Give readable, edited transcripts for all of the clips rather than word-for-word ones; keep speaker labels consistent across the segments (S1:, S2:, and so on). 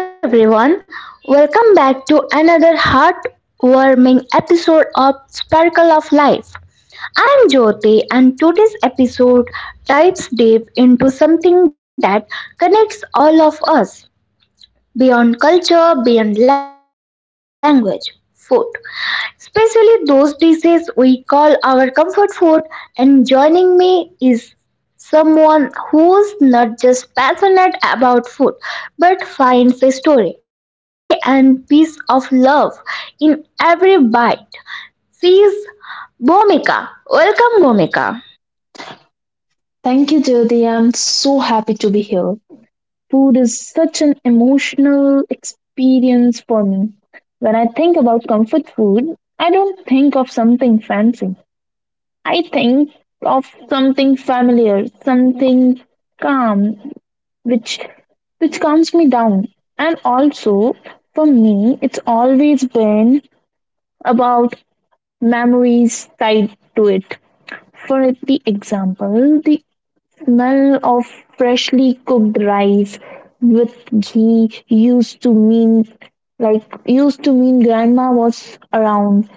S1: Hi everyone, welcome back to another heartwarming episode of Sparkle of Life. I'm Jyoti, and today's episode dives deep into something that connects all of us beyond culture, beyond language, food especially those dishes we call our comfort food. And joining me is someone who's not just passionate about food finds a story, a memory, and piece of love in every bite. She is Bomika. Welcome, Bomika.
S2: Thank you, Jyoti. I'm so happy to be here. Food is such an emotional experience for me. When I think about comfort food, I don't think of something fancy. I think of something familiar, something calm, which which calms me down. And also, for me, it's always been about memories tied to it. For the example, the Smell of freshly cooked rice with ghee used to mean grandma was around.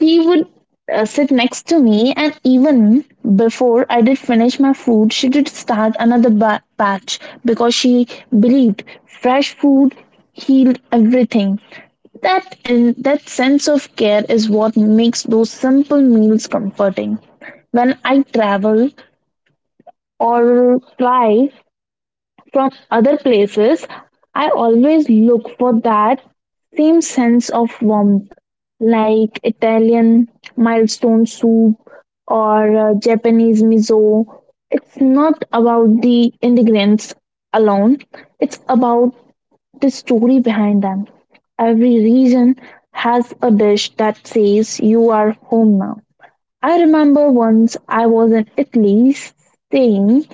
S2: She would sit next to me and even before I did finish my food, she did start another batch because she believed fresh food healed everything. That and that sense of care is what makes those simple meals comforting when I travel or fly. From other places, I always look for that same sense of warmth, like Italian milestone soup or Japanese miso. It's not about the ingredients alone, it's about the story behind them. Every region has a dish that says you are home now. I remember once I was in Italy saying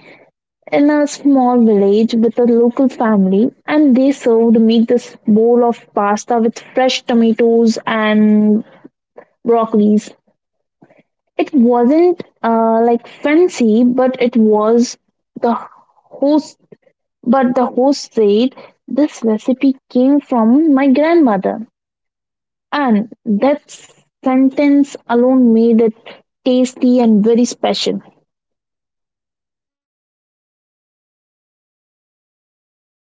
S2: in a small village with a local family, and they served me this bowl of pasta with fresh tomatoes and broccolis. It wasn't like fancy, but it was the host. But the host said this recipe came from my grandmother, and that sentence alone made it tasty and very special.
S1: That's beautiful, Bhumika.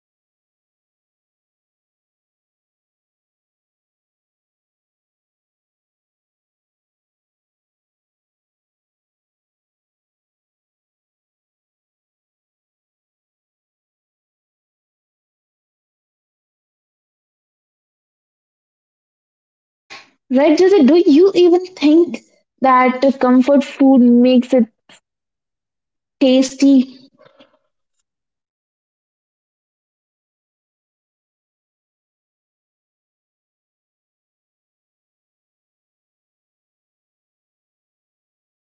S1: I completely relate to you. For me, comfort food is all about emotions. Food is also emotional before is gastronomical. I always associate hot rice with home.
S2: Right, Jyoti, do you
S1: It's
S2: even think
S1: like.
S2: that comfort food makes it Tasty.
S1: Yes, like our traditional food, like rice. And when we cook at home, it's really like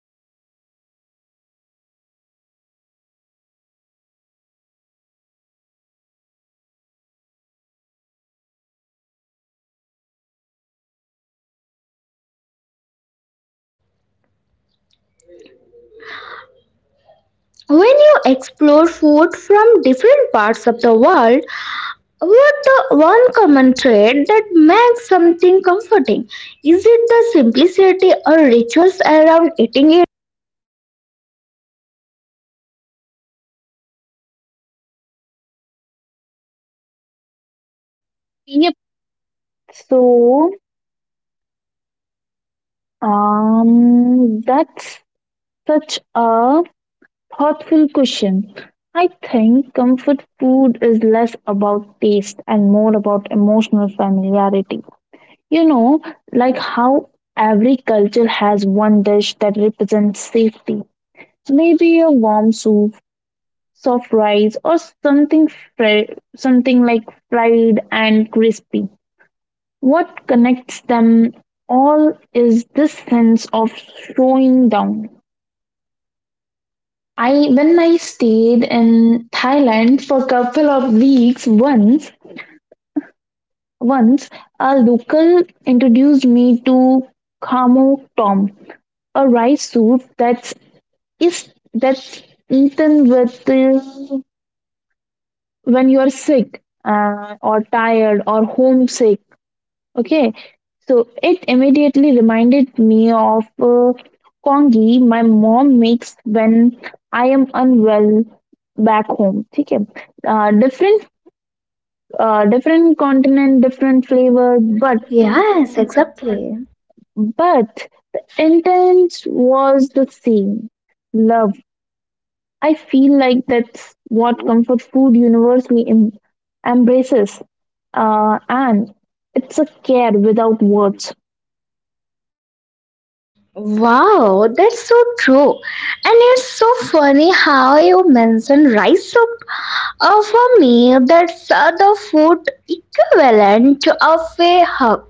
S1: no matter how stressful the day is, the one meal resets everything. Okay, Bhumika, just tell me something. When you explore food from different parts of the world, what the one common thread that makes something comforting? Is it the simplicity or rituals around eating it?
S2: Yep. So, that's such a thoughtful question. I think comfort food is less about taste and more about emotional familiarity. You know, like how every culture has one dish that represents safety. Maybe a warm soup, soft rice, or something something like fried and crispy. What connects them all is this sense of slowing down. I When I stayed in Thailand for a couple of weeks once, a local introduced me to Khamo Tom, a rice soup that's eaten with when you are sick, or tired or homesick. Okay, so it immediately reminded me of congee my mom makes when I am unwell back home. ठीक है, uh, different, different continent, different flavor, but
S1: Yes, exactly.
S2: but the intent was the same. Love. I feel like that's what comfort food universally embraces, and it's a care without words.
S1: Wow, that's so true. And it's so funny how you mentioned rice soup. For me, that's the food equivalent of a hug.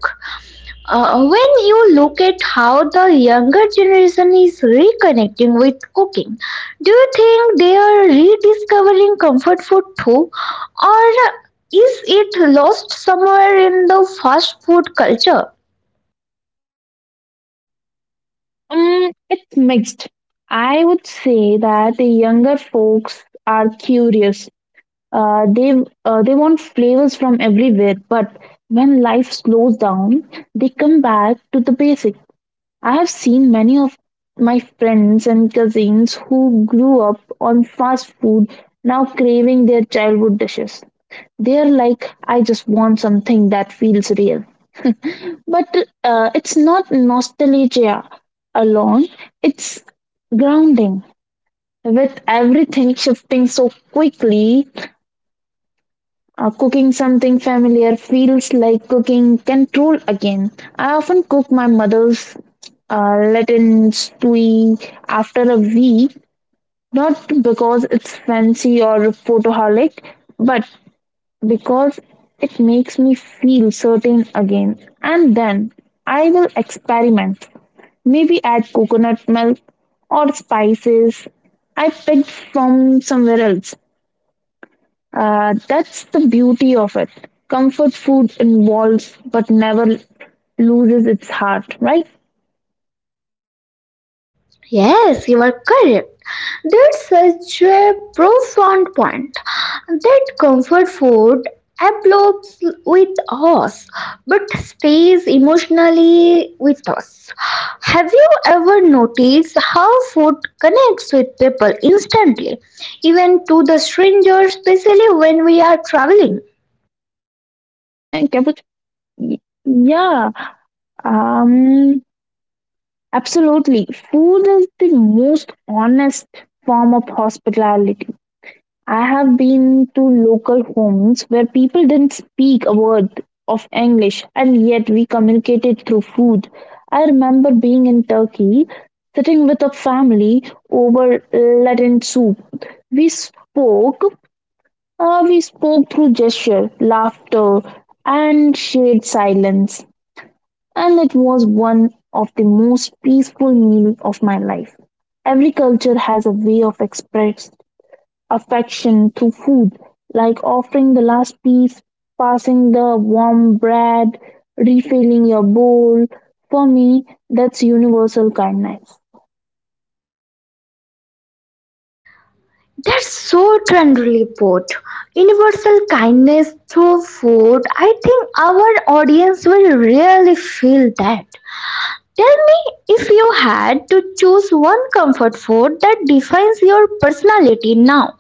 S1: When you look at how the younger generation is reconnecting with cooking, do you think they are rediscovering comfort food too? Or is it lost somewhere in the fast food culture?
S2: Mm, it's mixed. I would say that the younger folks are curious. Uh, they they want flavors from everywhere, but when life slows down, they come back to the basic. I have seen many of my friends and cousins who grew up on fast food now craving their childhood dishes. They're like, I just want something that feels real. But it's not nostalgia alone, it's grounding. With everything shifting so quickly, cooking something familiar feels like cooking control again. I often cook my mother's Latin stew after a week, not because it's fancy or photoholic, but because it makes me feel certain again. And then I will experiment. Maybe add coconut milk or spices I picked from somewhere else. That's the beauty of it. Comfort food involves but never loses its heart, right?
S1: Yes, you are correct. That's such a profound point. That comfort food absorbs with us, but stays emotionally with us. Have you ever noticed how food connects with people instantly, even to the stranger, especially when we are traveling?
S2: Eh, eh, Caput- y- Yeah, um, absolutely. Food is the most honest form of hospitality. I have been to local homes where people didn't speak a word of English and yet we communicated through food. I remember being in Turkey, sitting with a family over Latin soup. We spoke, we spoke through gesture, laughter, and shared silence, and it was one of the most peaceful meals of my life. Every culture has a way of express, affection to food, like offering the last piece, passing the warm bread, refilling your bowl. For me, that's universal kindness.
S1: That's so tenderly put. Universal kindness through food. I think our audience will really feel that. Tell me, if you had to choose one comfort food that defines your personality now.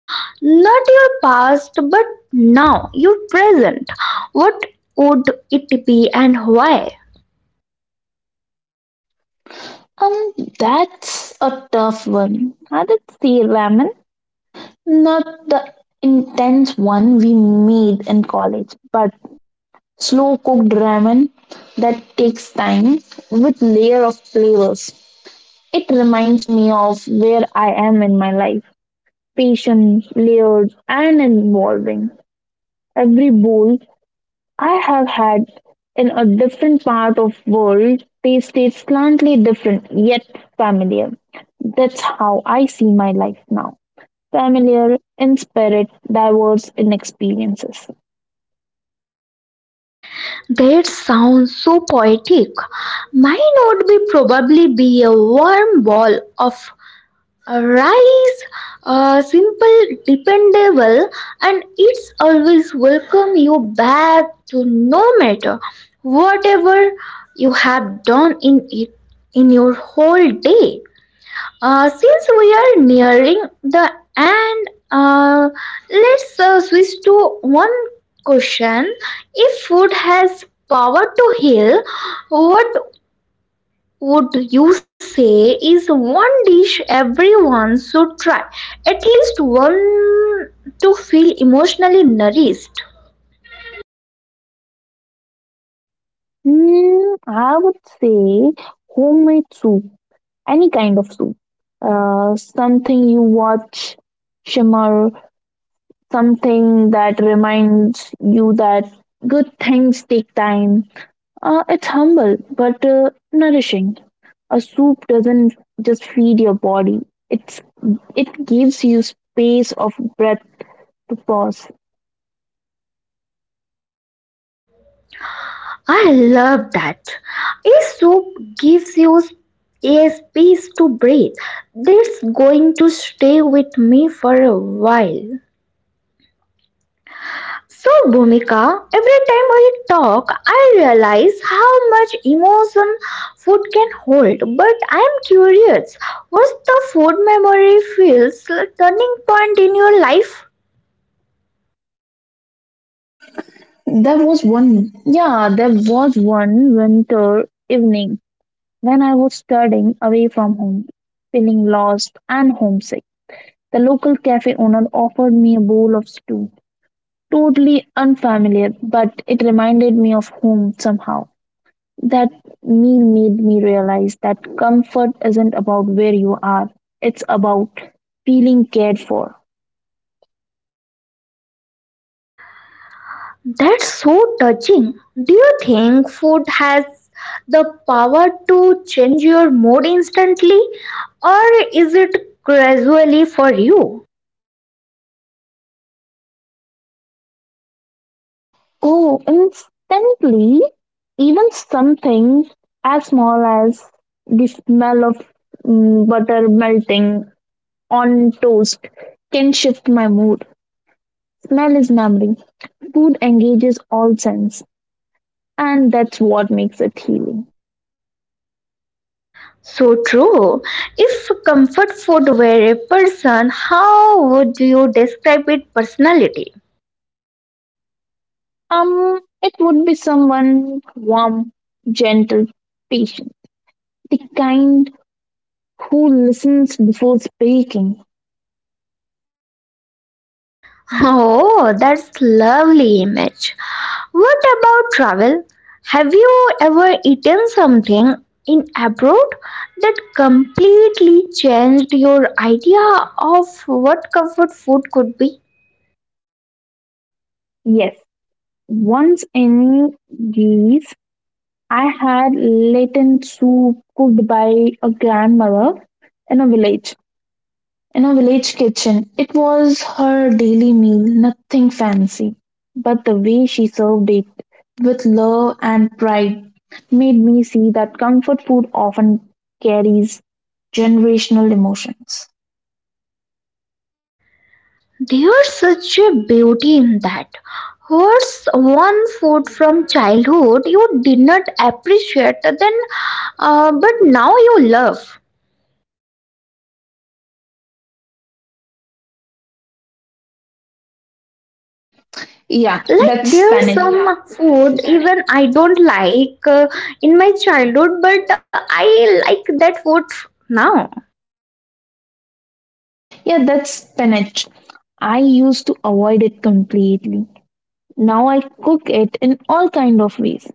S1: Not your past, but now, your present. What would it be and why?
S2: Um, that's a tough one. I did say ramen, not the intense one we made in college, but slow cooked ramen that takes time with layer of flavors. It reminds me of where I am in my life. Patient, layered, and involving. Every bowl I have had in a different part of world tasted slightly different yet familiar. That's how I see my life now. Familiar in spirit, diverse in experiences.
S1: That sounds so poetic. Mine would be probably be a warm ball of rice, are simple, dependable, and it's always welcome you back to no matter whatever you have done in it in your whole day. Since we are nearing the end, let's switch to one question. If food has power to heal, what would you say is one dish everyone should try at least one to feel emotionally nourished.
S2: Hmm, I would say homemade soup, any kind of soup. Something you watch shimmer, something that reminds you that good things take time. It's humble but nourishing. A soup doesn't just feed your body; it's it gives you space of breath to pause.
S1: I love that, a soup gives you a space to breathe, that's going to stay with me for a while. So, Bhumika, every time we talk, I realize how much emotion food can hold. But I am curious, what's the food memory feels like turning point in your life?
S2: There was one winter evening when I was studying away from home, feeling lost and homesick. The local cafe owner offered me a bowl of stew. Totally unfamiliar, but it reminded me of home somehow. That meal made me realize that comfort isn't about where you are, it's about feeling cared for.
S1: That's so touching. Do you think food has the power to change your mood instantly, or is it gradually for you?
S2: Oh, instantly, even something as small as the smell of butter melting on toast can shift my mood. Smell is memory. Food engages all sense, and that's what makes it healing.
S1: So true. If comfort food were a person, how would you describe its personality?
S2: It would be someone warm, gentle, patient, the kind who listens before speaking.
S1: Oh, that's lovely image. What about travel? Have you ever eaten something in abroad that completely changed your idea of what comfort food could be?
S2: Yes, once in Greece, I had Latin soup cooked by a grandmother in a village. in a village kitchen. It was her daily meal, nothing fancy, but the way she served it with love and pride made me see that comfort food often carries generational emotions.
S1: There's such a beauty in that. Here's one food from childhood you did not appreciate then, but now you love.
S2: Yeah,
S1: Like
S2: that's
S1: there's
S2: spinach.
S1: some food even I don't like in my childhood, but I like that food now.
S2: Yeah, that's spinach. I used to avoid it completely. Now I cook it in all kind of ways.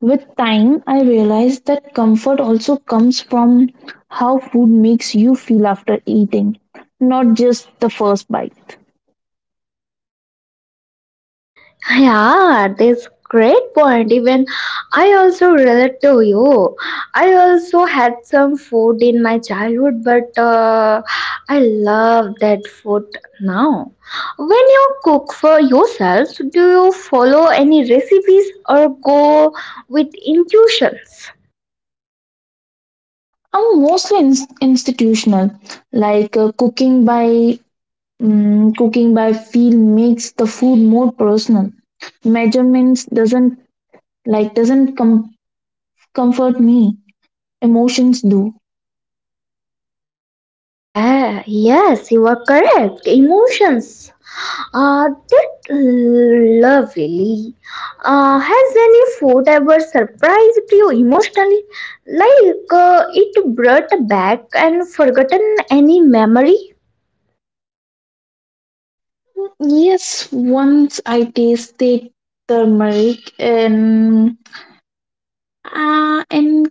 S2: With time, I realized that comfort also comes from how food makes you feel after eating, not just the first bite.
S1: Yeah, this great point. Even I also relate to you. I also had some food in my childhood, but I love that food now. When you cook for yourself, do you follow any recipes or go with intuitions?
S2: I'm mostly institutional, like cooking by feel makes the food more personal. Measurements doesn't comfort me. Emotions do.
S1: Yeah, yes, you are correct. Emotions. That lovely. Has any food ever surprised you emotionally? Like it brought back and forgotten any memory?
S2: Yes, once I tasted turmeric and in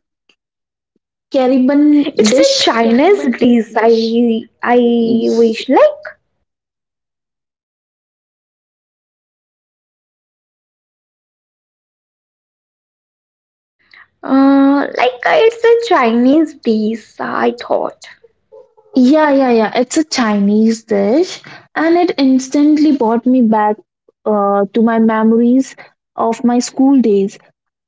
S2: Caribbean
S1: It's a
S2: dish.
S1: Chinese dish. I wish like. Like it's a Chinese dish, I thought.
S2: Yeah, yeah, yeah. It's a Chinese dish, and it instantly brought me back to my memories of my school days.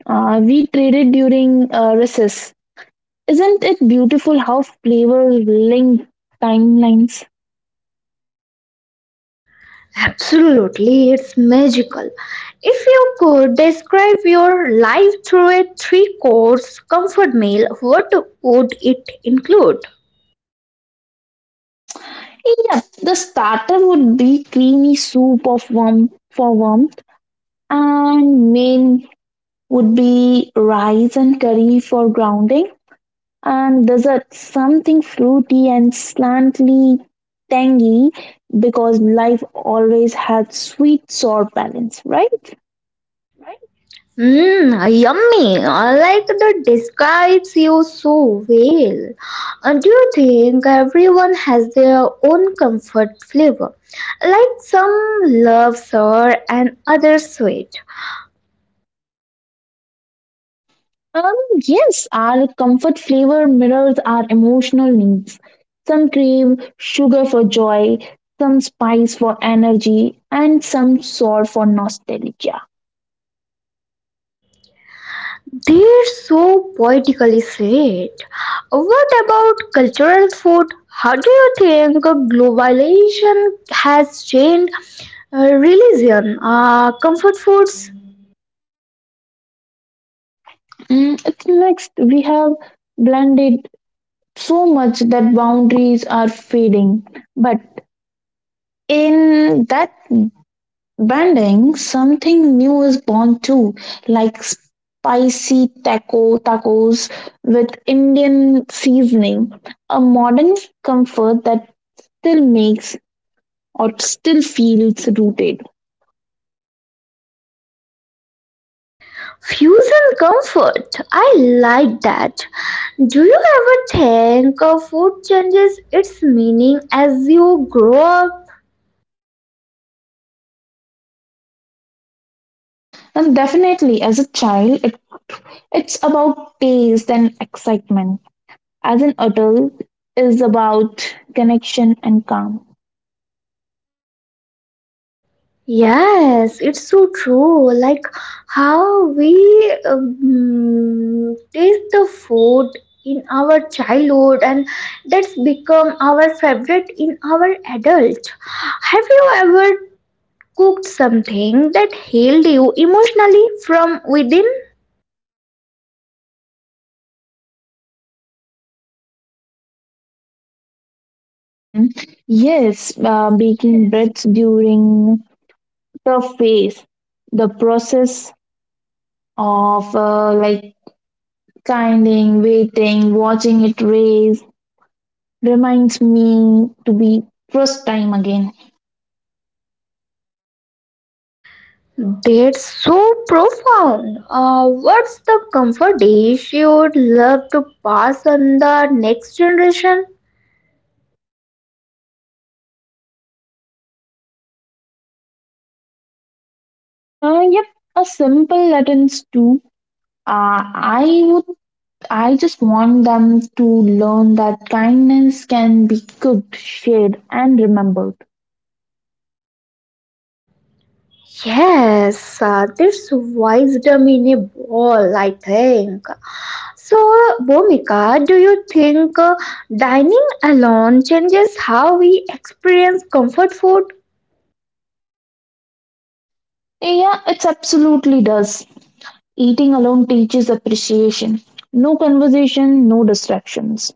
S2: We traded during recess. Isn't it beautiful how flavor link timelines?
S1: Absolutely, it's magical. If you could describe your life through a three course comfort meal, what would it include?
S2: Yeah, the starter would be creamy soup of warm for warmth, and main would be rice and curry for grounding and dessert something fruity and slantly tangy because life always has sweet sour balance, right?
S1: Mmm, yummy. I like that describes you so well. Do you think everyone has their own comfort flavor? Like some love sour and others sweet.
S2: um yes, our comfort flavor mirrors our emotional needs. Some crave sugar for joy, some spice for energy, and some sour for nostalgia.
S1: They're so poetically said. What about cultural food? How do you think globalization has changed religion, comfort foods?
S2: Mm, it's next we have blended so much that boundaries are fading, but in that Banding, something new is born too, like spicy tacos with Indian seasoning, a modern comfort that still makes or still feels rooted.
S1: Fusion comfort. I like that. Do you ever think of food changes its meaning as you grow up?
S2: And definitely, as a child, it's about taste and excitement. As an adult, is about connection and calm.
S1: Yes, it's so true. Like how we taste the food in our childhood, and that's become our favorite in our adult. Have you ever cooked something that healed you emotionally from within?
S2: Mm, yes, baking breads during the phase, the process of kinding, waiting, watching it race reminds me to be first time again.
S1: That's so profound. What's the comfort dish you would love to pass on the next generation?
S2: Uh, yep, a simple lessons too. Uh, I would, I just want them to learn that kindness can be cooked, shared, and remembered.
S1: Yes, there's wisdom in a ball, I think. So, Bhumika, do you think dining alone changes how we experience comfort food?
S2: Yeah, it absolutely does. Eating alone teaches appreciation. No conversation, no distractions.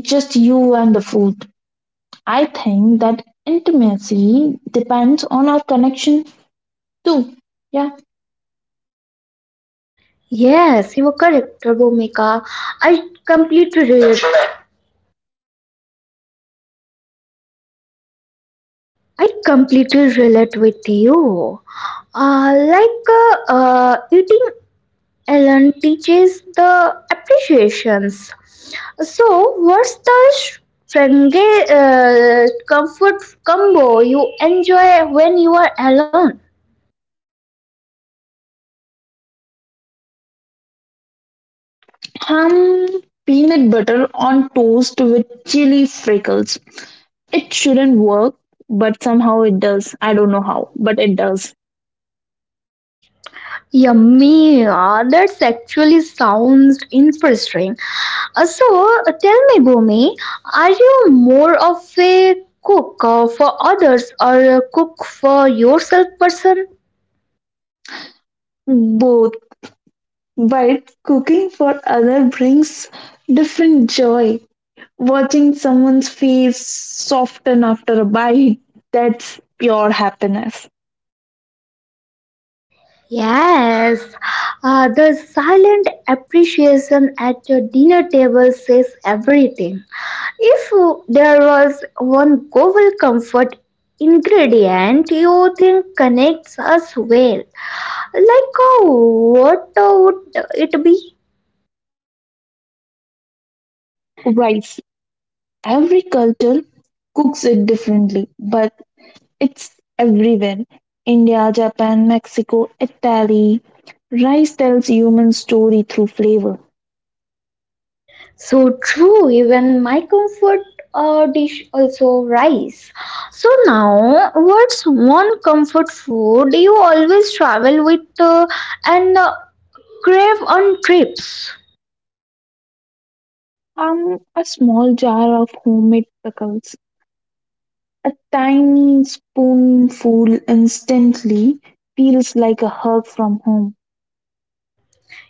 S2: Just you and the food. I think that intimacy depends on our connection too. Yeah.
S1: Yes, you are correct, Bhumika. I completely relate. I completely relate with you. Eating Ellen teaches the appreciations. So, what's the strength, comfort combo you enjoy when you are alone?
S2: Ham peanut butter on toast with chili freckles. It shouldn't work, but somehow it does. I don't know how, but it does.
S1: Yummy, ah, that's actually sounds interesting. Uh, so, tell me, Bhumi, are you more of a cook for others or a cook for yourself person?
S2: Both. But cooking for other brings different joy. Watching someone's face soften after a bite, that's pure happiness.
S1: Yes, the silent appreciation at your dinner table says everything. If there was one global comfort ingredient you think connects us well, like what would it be?
S2: Rice. Every culture cooks it differently, but It's everywhere. India, Japan, Mexico, Italy. Rice tells human story through flavor.
S1: So true, even my comfort dish also rice. So now, what's one comfort food you always travel with and crave on trips?
S2: A small jar of homemade pickles, a tiny spoonful instantly feels like a hug from home.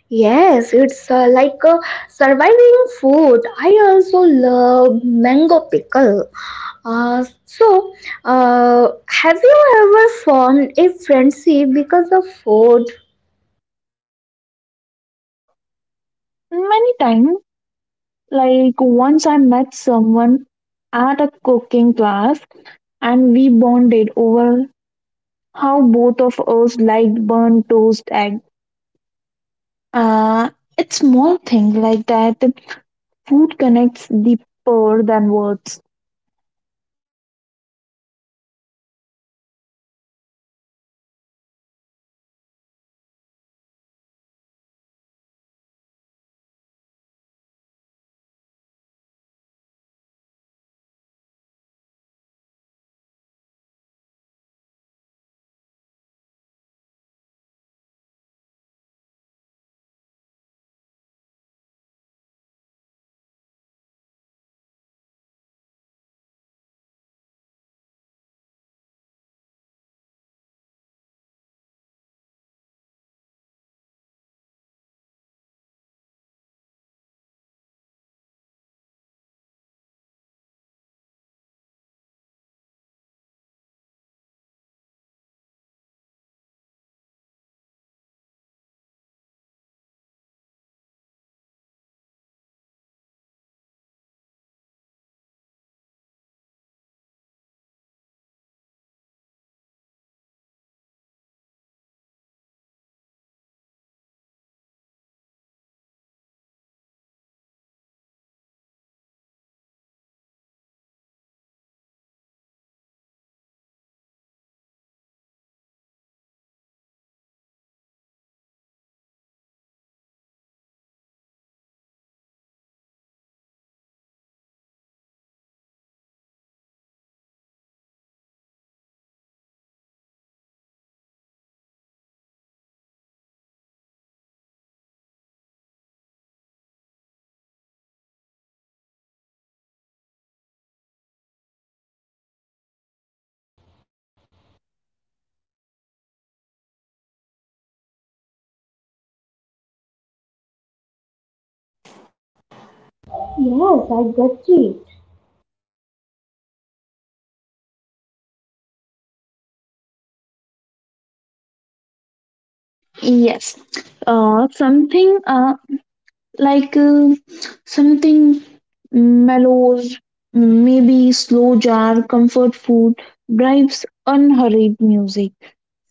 S1: Yes, it's like surviving food. I also love mango pickle. Uh, so, have you ever formed a friendship because of food?
S2: Many times, like once I met someone at a cooking class and we bonded over how both of us liked burnt toast egg. Uh, it's small thing like that. Food connects deeper than words.
S1: Yes, it really does. Uh, okay, if comfort food had a soundtrack, what music would play? If comfort food had any soundtrack, what music would play? Yes, I get it.
S2: Yes, uh, something uh, like uh, something mellows, maybe slow jar, comfort food, drives unhurried music,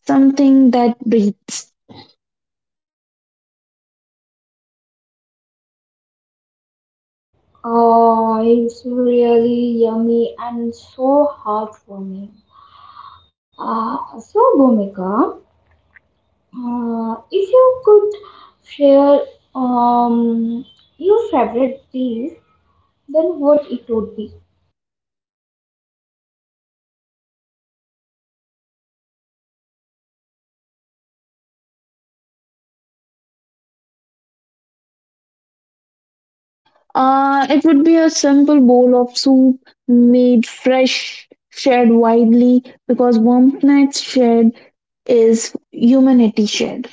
S2: something that breathes.
S1: It's really yummy and so heartwarming. Bhumika, if you could share um, your favorite dish, then what it would be?
S2: It would be a simple bowl of soup made fresh, shared widely because warmth nights shared is humanity shared.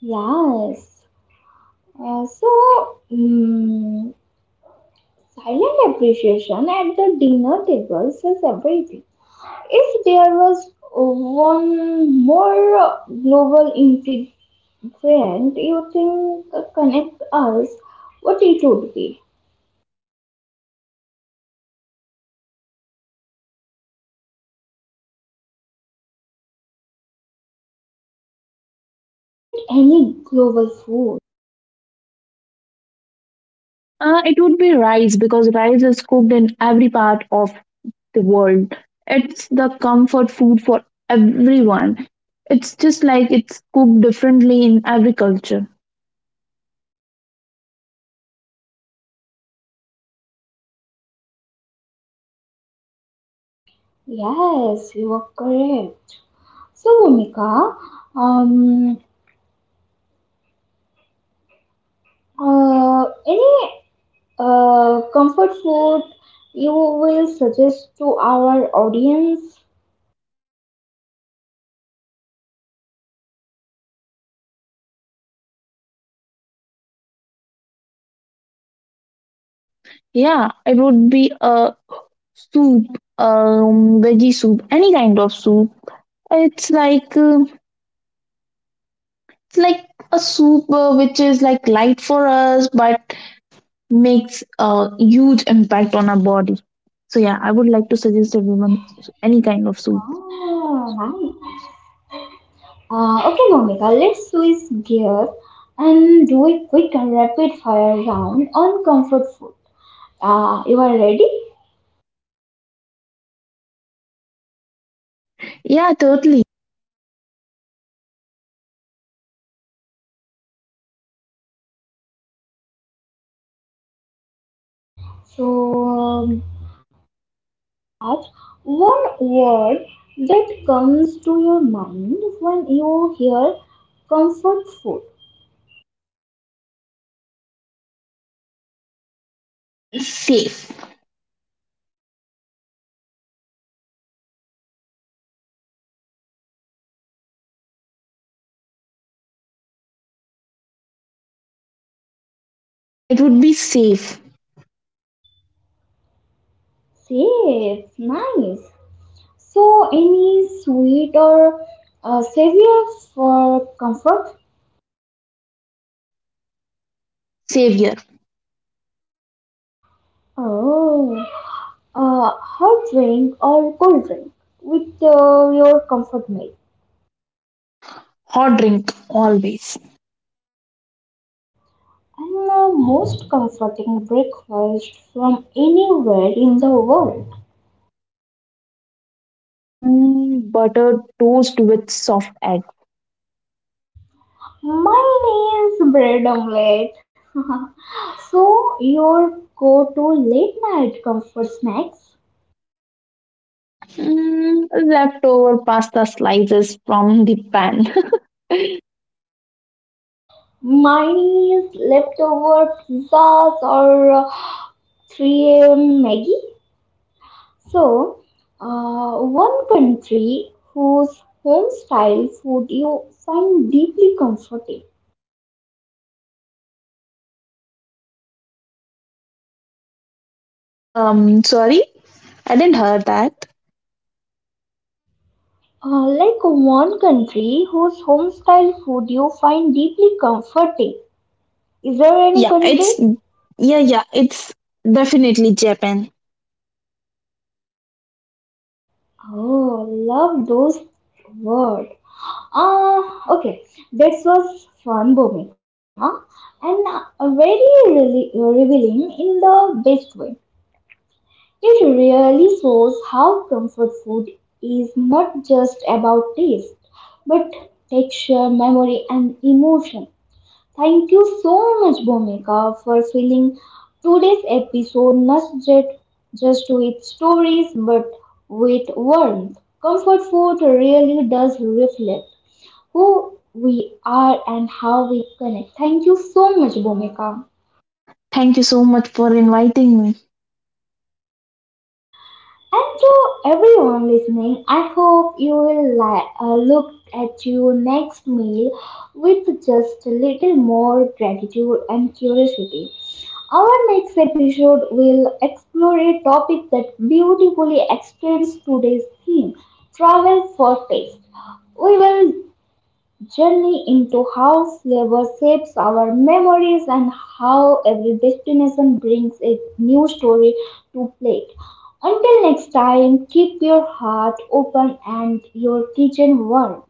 S1: Yes. Uh, so, mm silent appreciation at the dinner table says everything. If there was one more global friend, you think connect us? What it would be? Like any global food.
S2: It would be rice because rice is cooked in every part of the world. It's the comfort food for everyone. It's just like it's cooked differently in every culture.
S1: Yes, you are correct. So, Bhumika, um, any comfort food you will suggest to our audience?
S2: Um, yeah, it would be a soup, veggie soup, any kind of soup. It's like uh, it's like a soup which is like light for us but makes a huge impact on our body. So yeah, I would like to suggest everyone any kind of soup.
S1: Ah, nice. Okay, Bhumika, let's switch gear and do a quick and rapid fire round on comfort food. You are ready?
S2: Yeah, totally.
S1: So, um, Raj, one word that comes to your mind when you hear comfort food.
S2: Safe. It would be safe.
S1: Safe, nice. So, any sweet or savior for comfort?
S2: Savior.
S1: Oh, hot drink or cold drink with your comfort meal.
S2: Hot drink always.
S1: And the most comforting breakfast from anywhere in the world.
S2: Mm, buttered toast with soft egg.
S1: My name is bread omelette. So your go-to late-night comfort snacks?
S2: Mm, leftover pasta slices from the pan.
S1: Mine is leftover pizzas or 3 a.m. Maggie. So, one country whose home-style food you find deeply comforting.
S2: Sorry, I didn't hear that.
S1: One country whose home-style food you find deeply comforting. Is there any
S2: Yeah,
S1: country?
S2: it's yeah, it's definitely Japan.
S1: Oh, love those words. Uh, okay, that was fun, Bhumika, and very really revealing in the best way. It really shows how comfort food is not just about taste, but texture, memory, and emotion. Thank you so much, Bhumika, for filling today's episode not just with stories but with warmth. Comfort food really does reflect who we are and how we connect. Thank you so much, Bhumika.
S2: Thank you so much for inviting me.
S1: And to everyone listening, I hope you will look at your next meal with just a little more gratitude and curiosity. Our next episode will explore a topic that beautifully extends today's theme travel for taste. We will journey into how flavor shapes our memories and how every destination brings a new story to plate. Until next time, keep your heart open and your kitchen warm.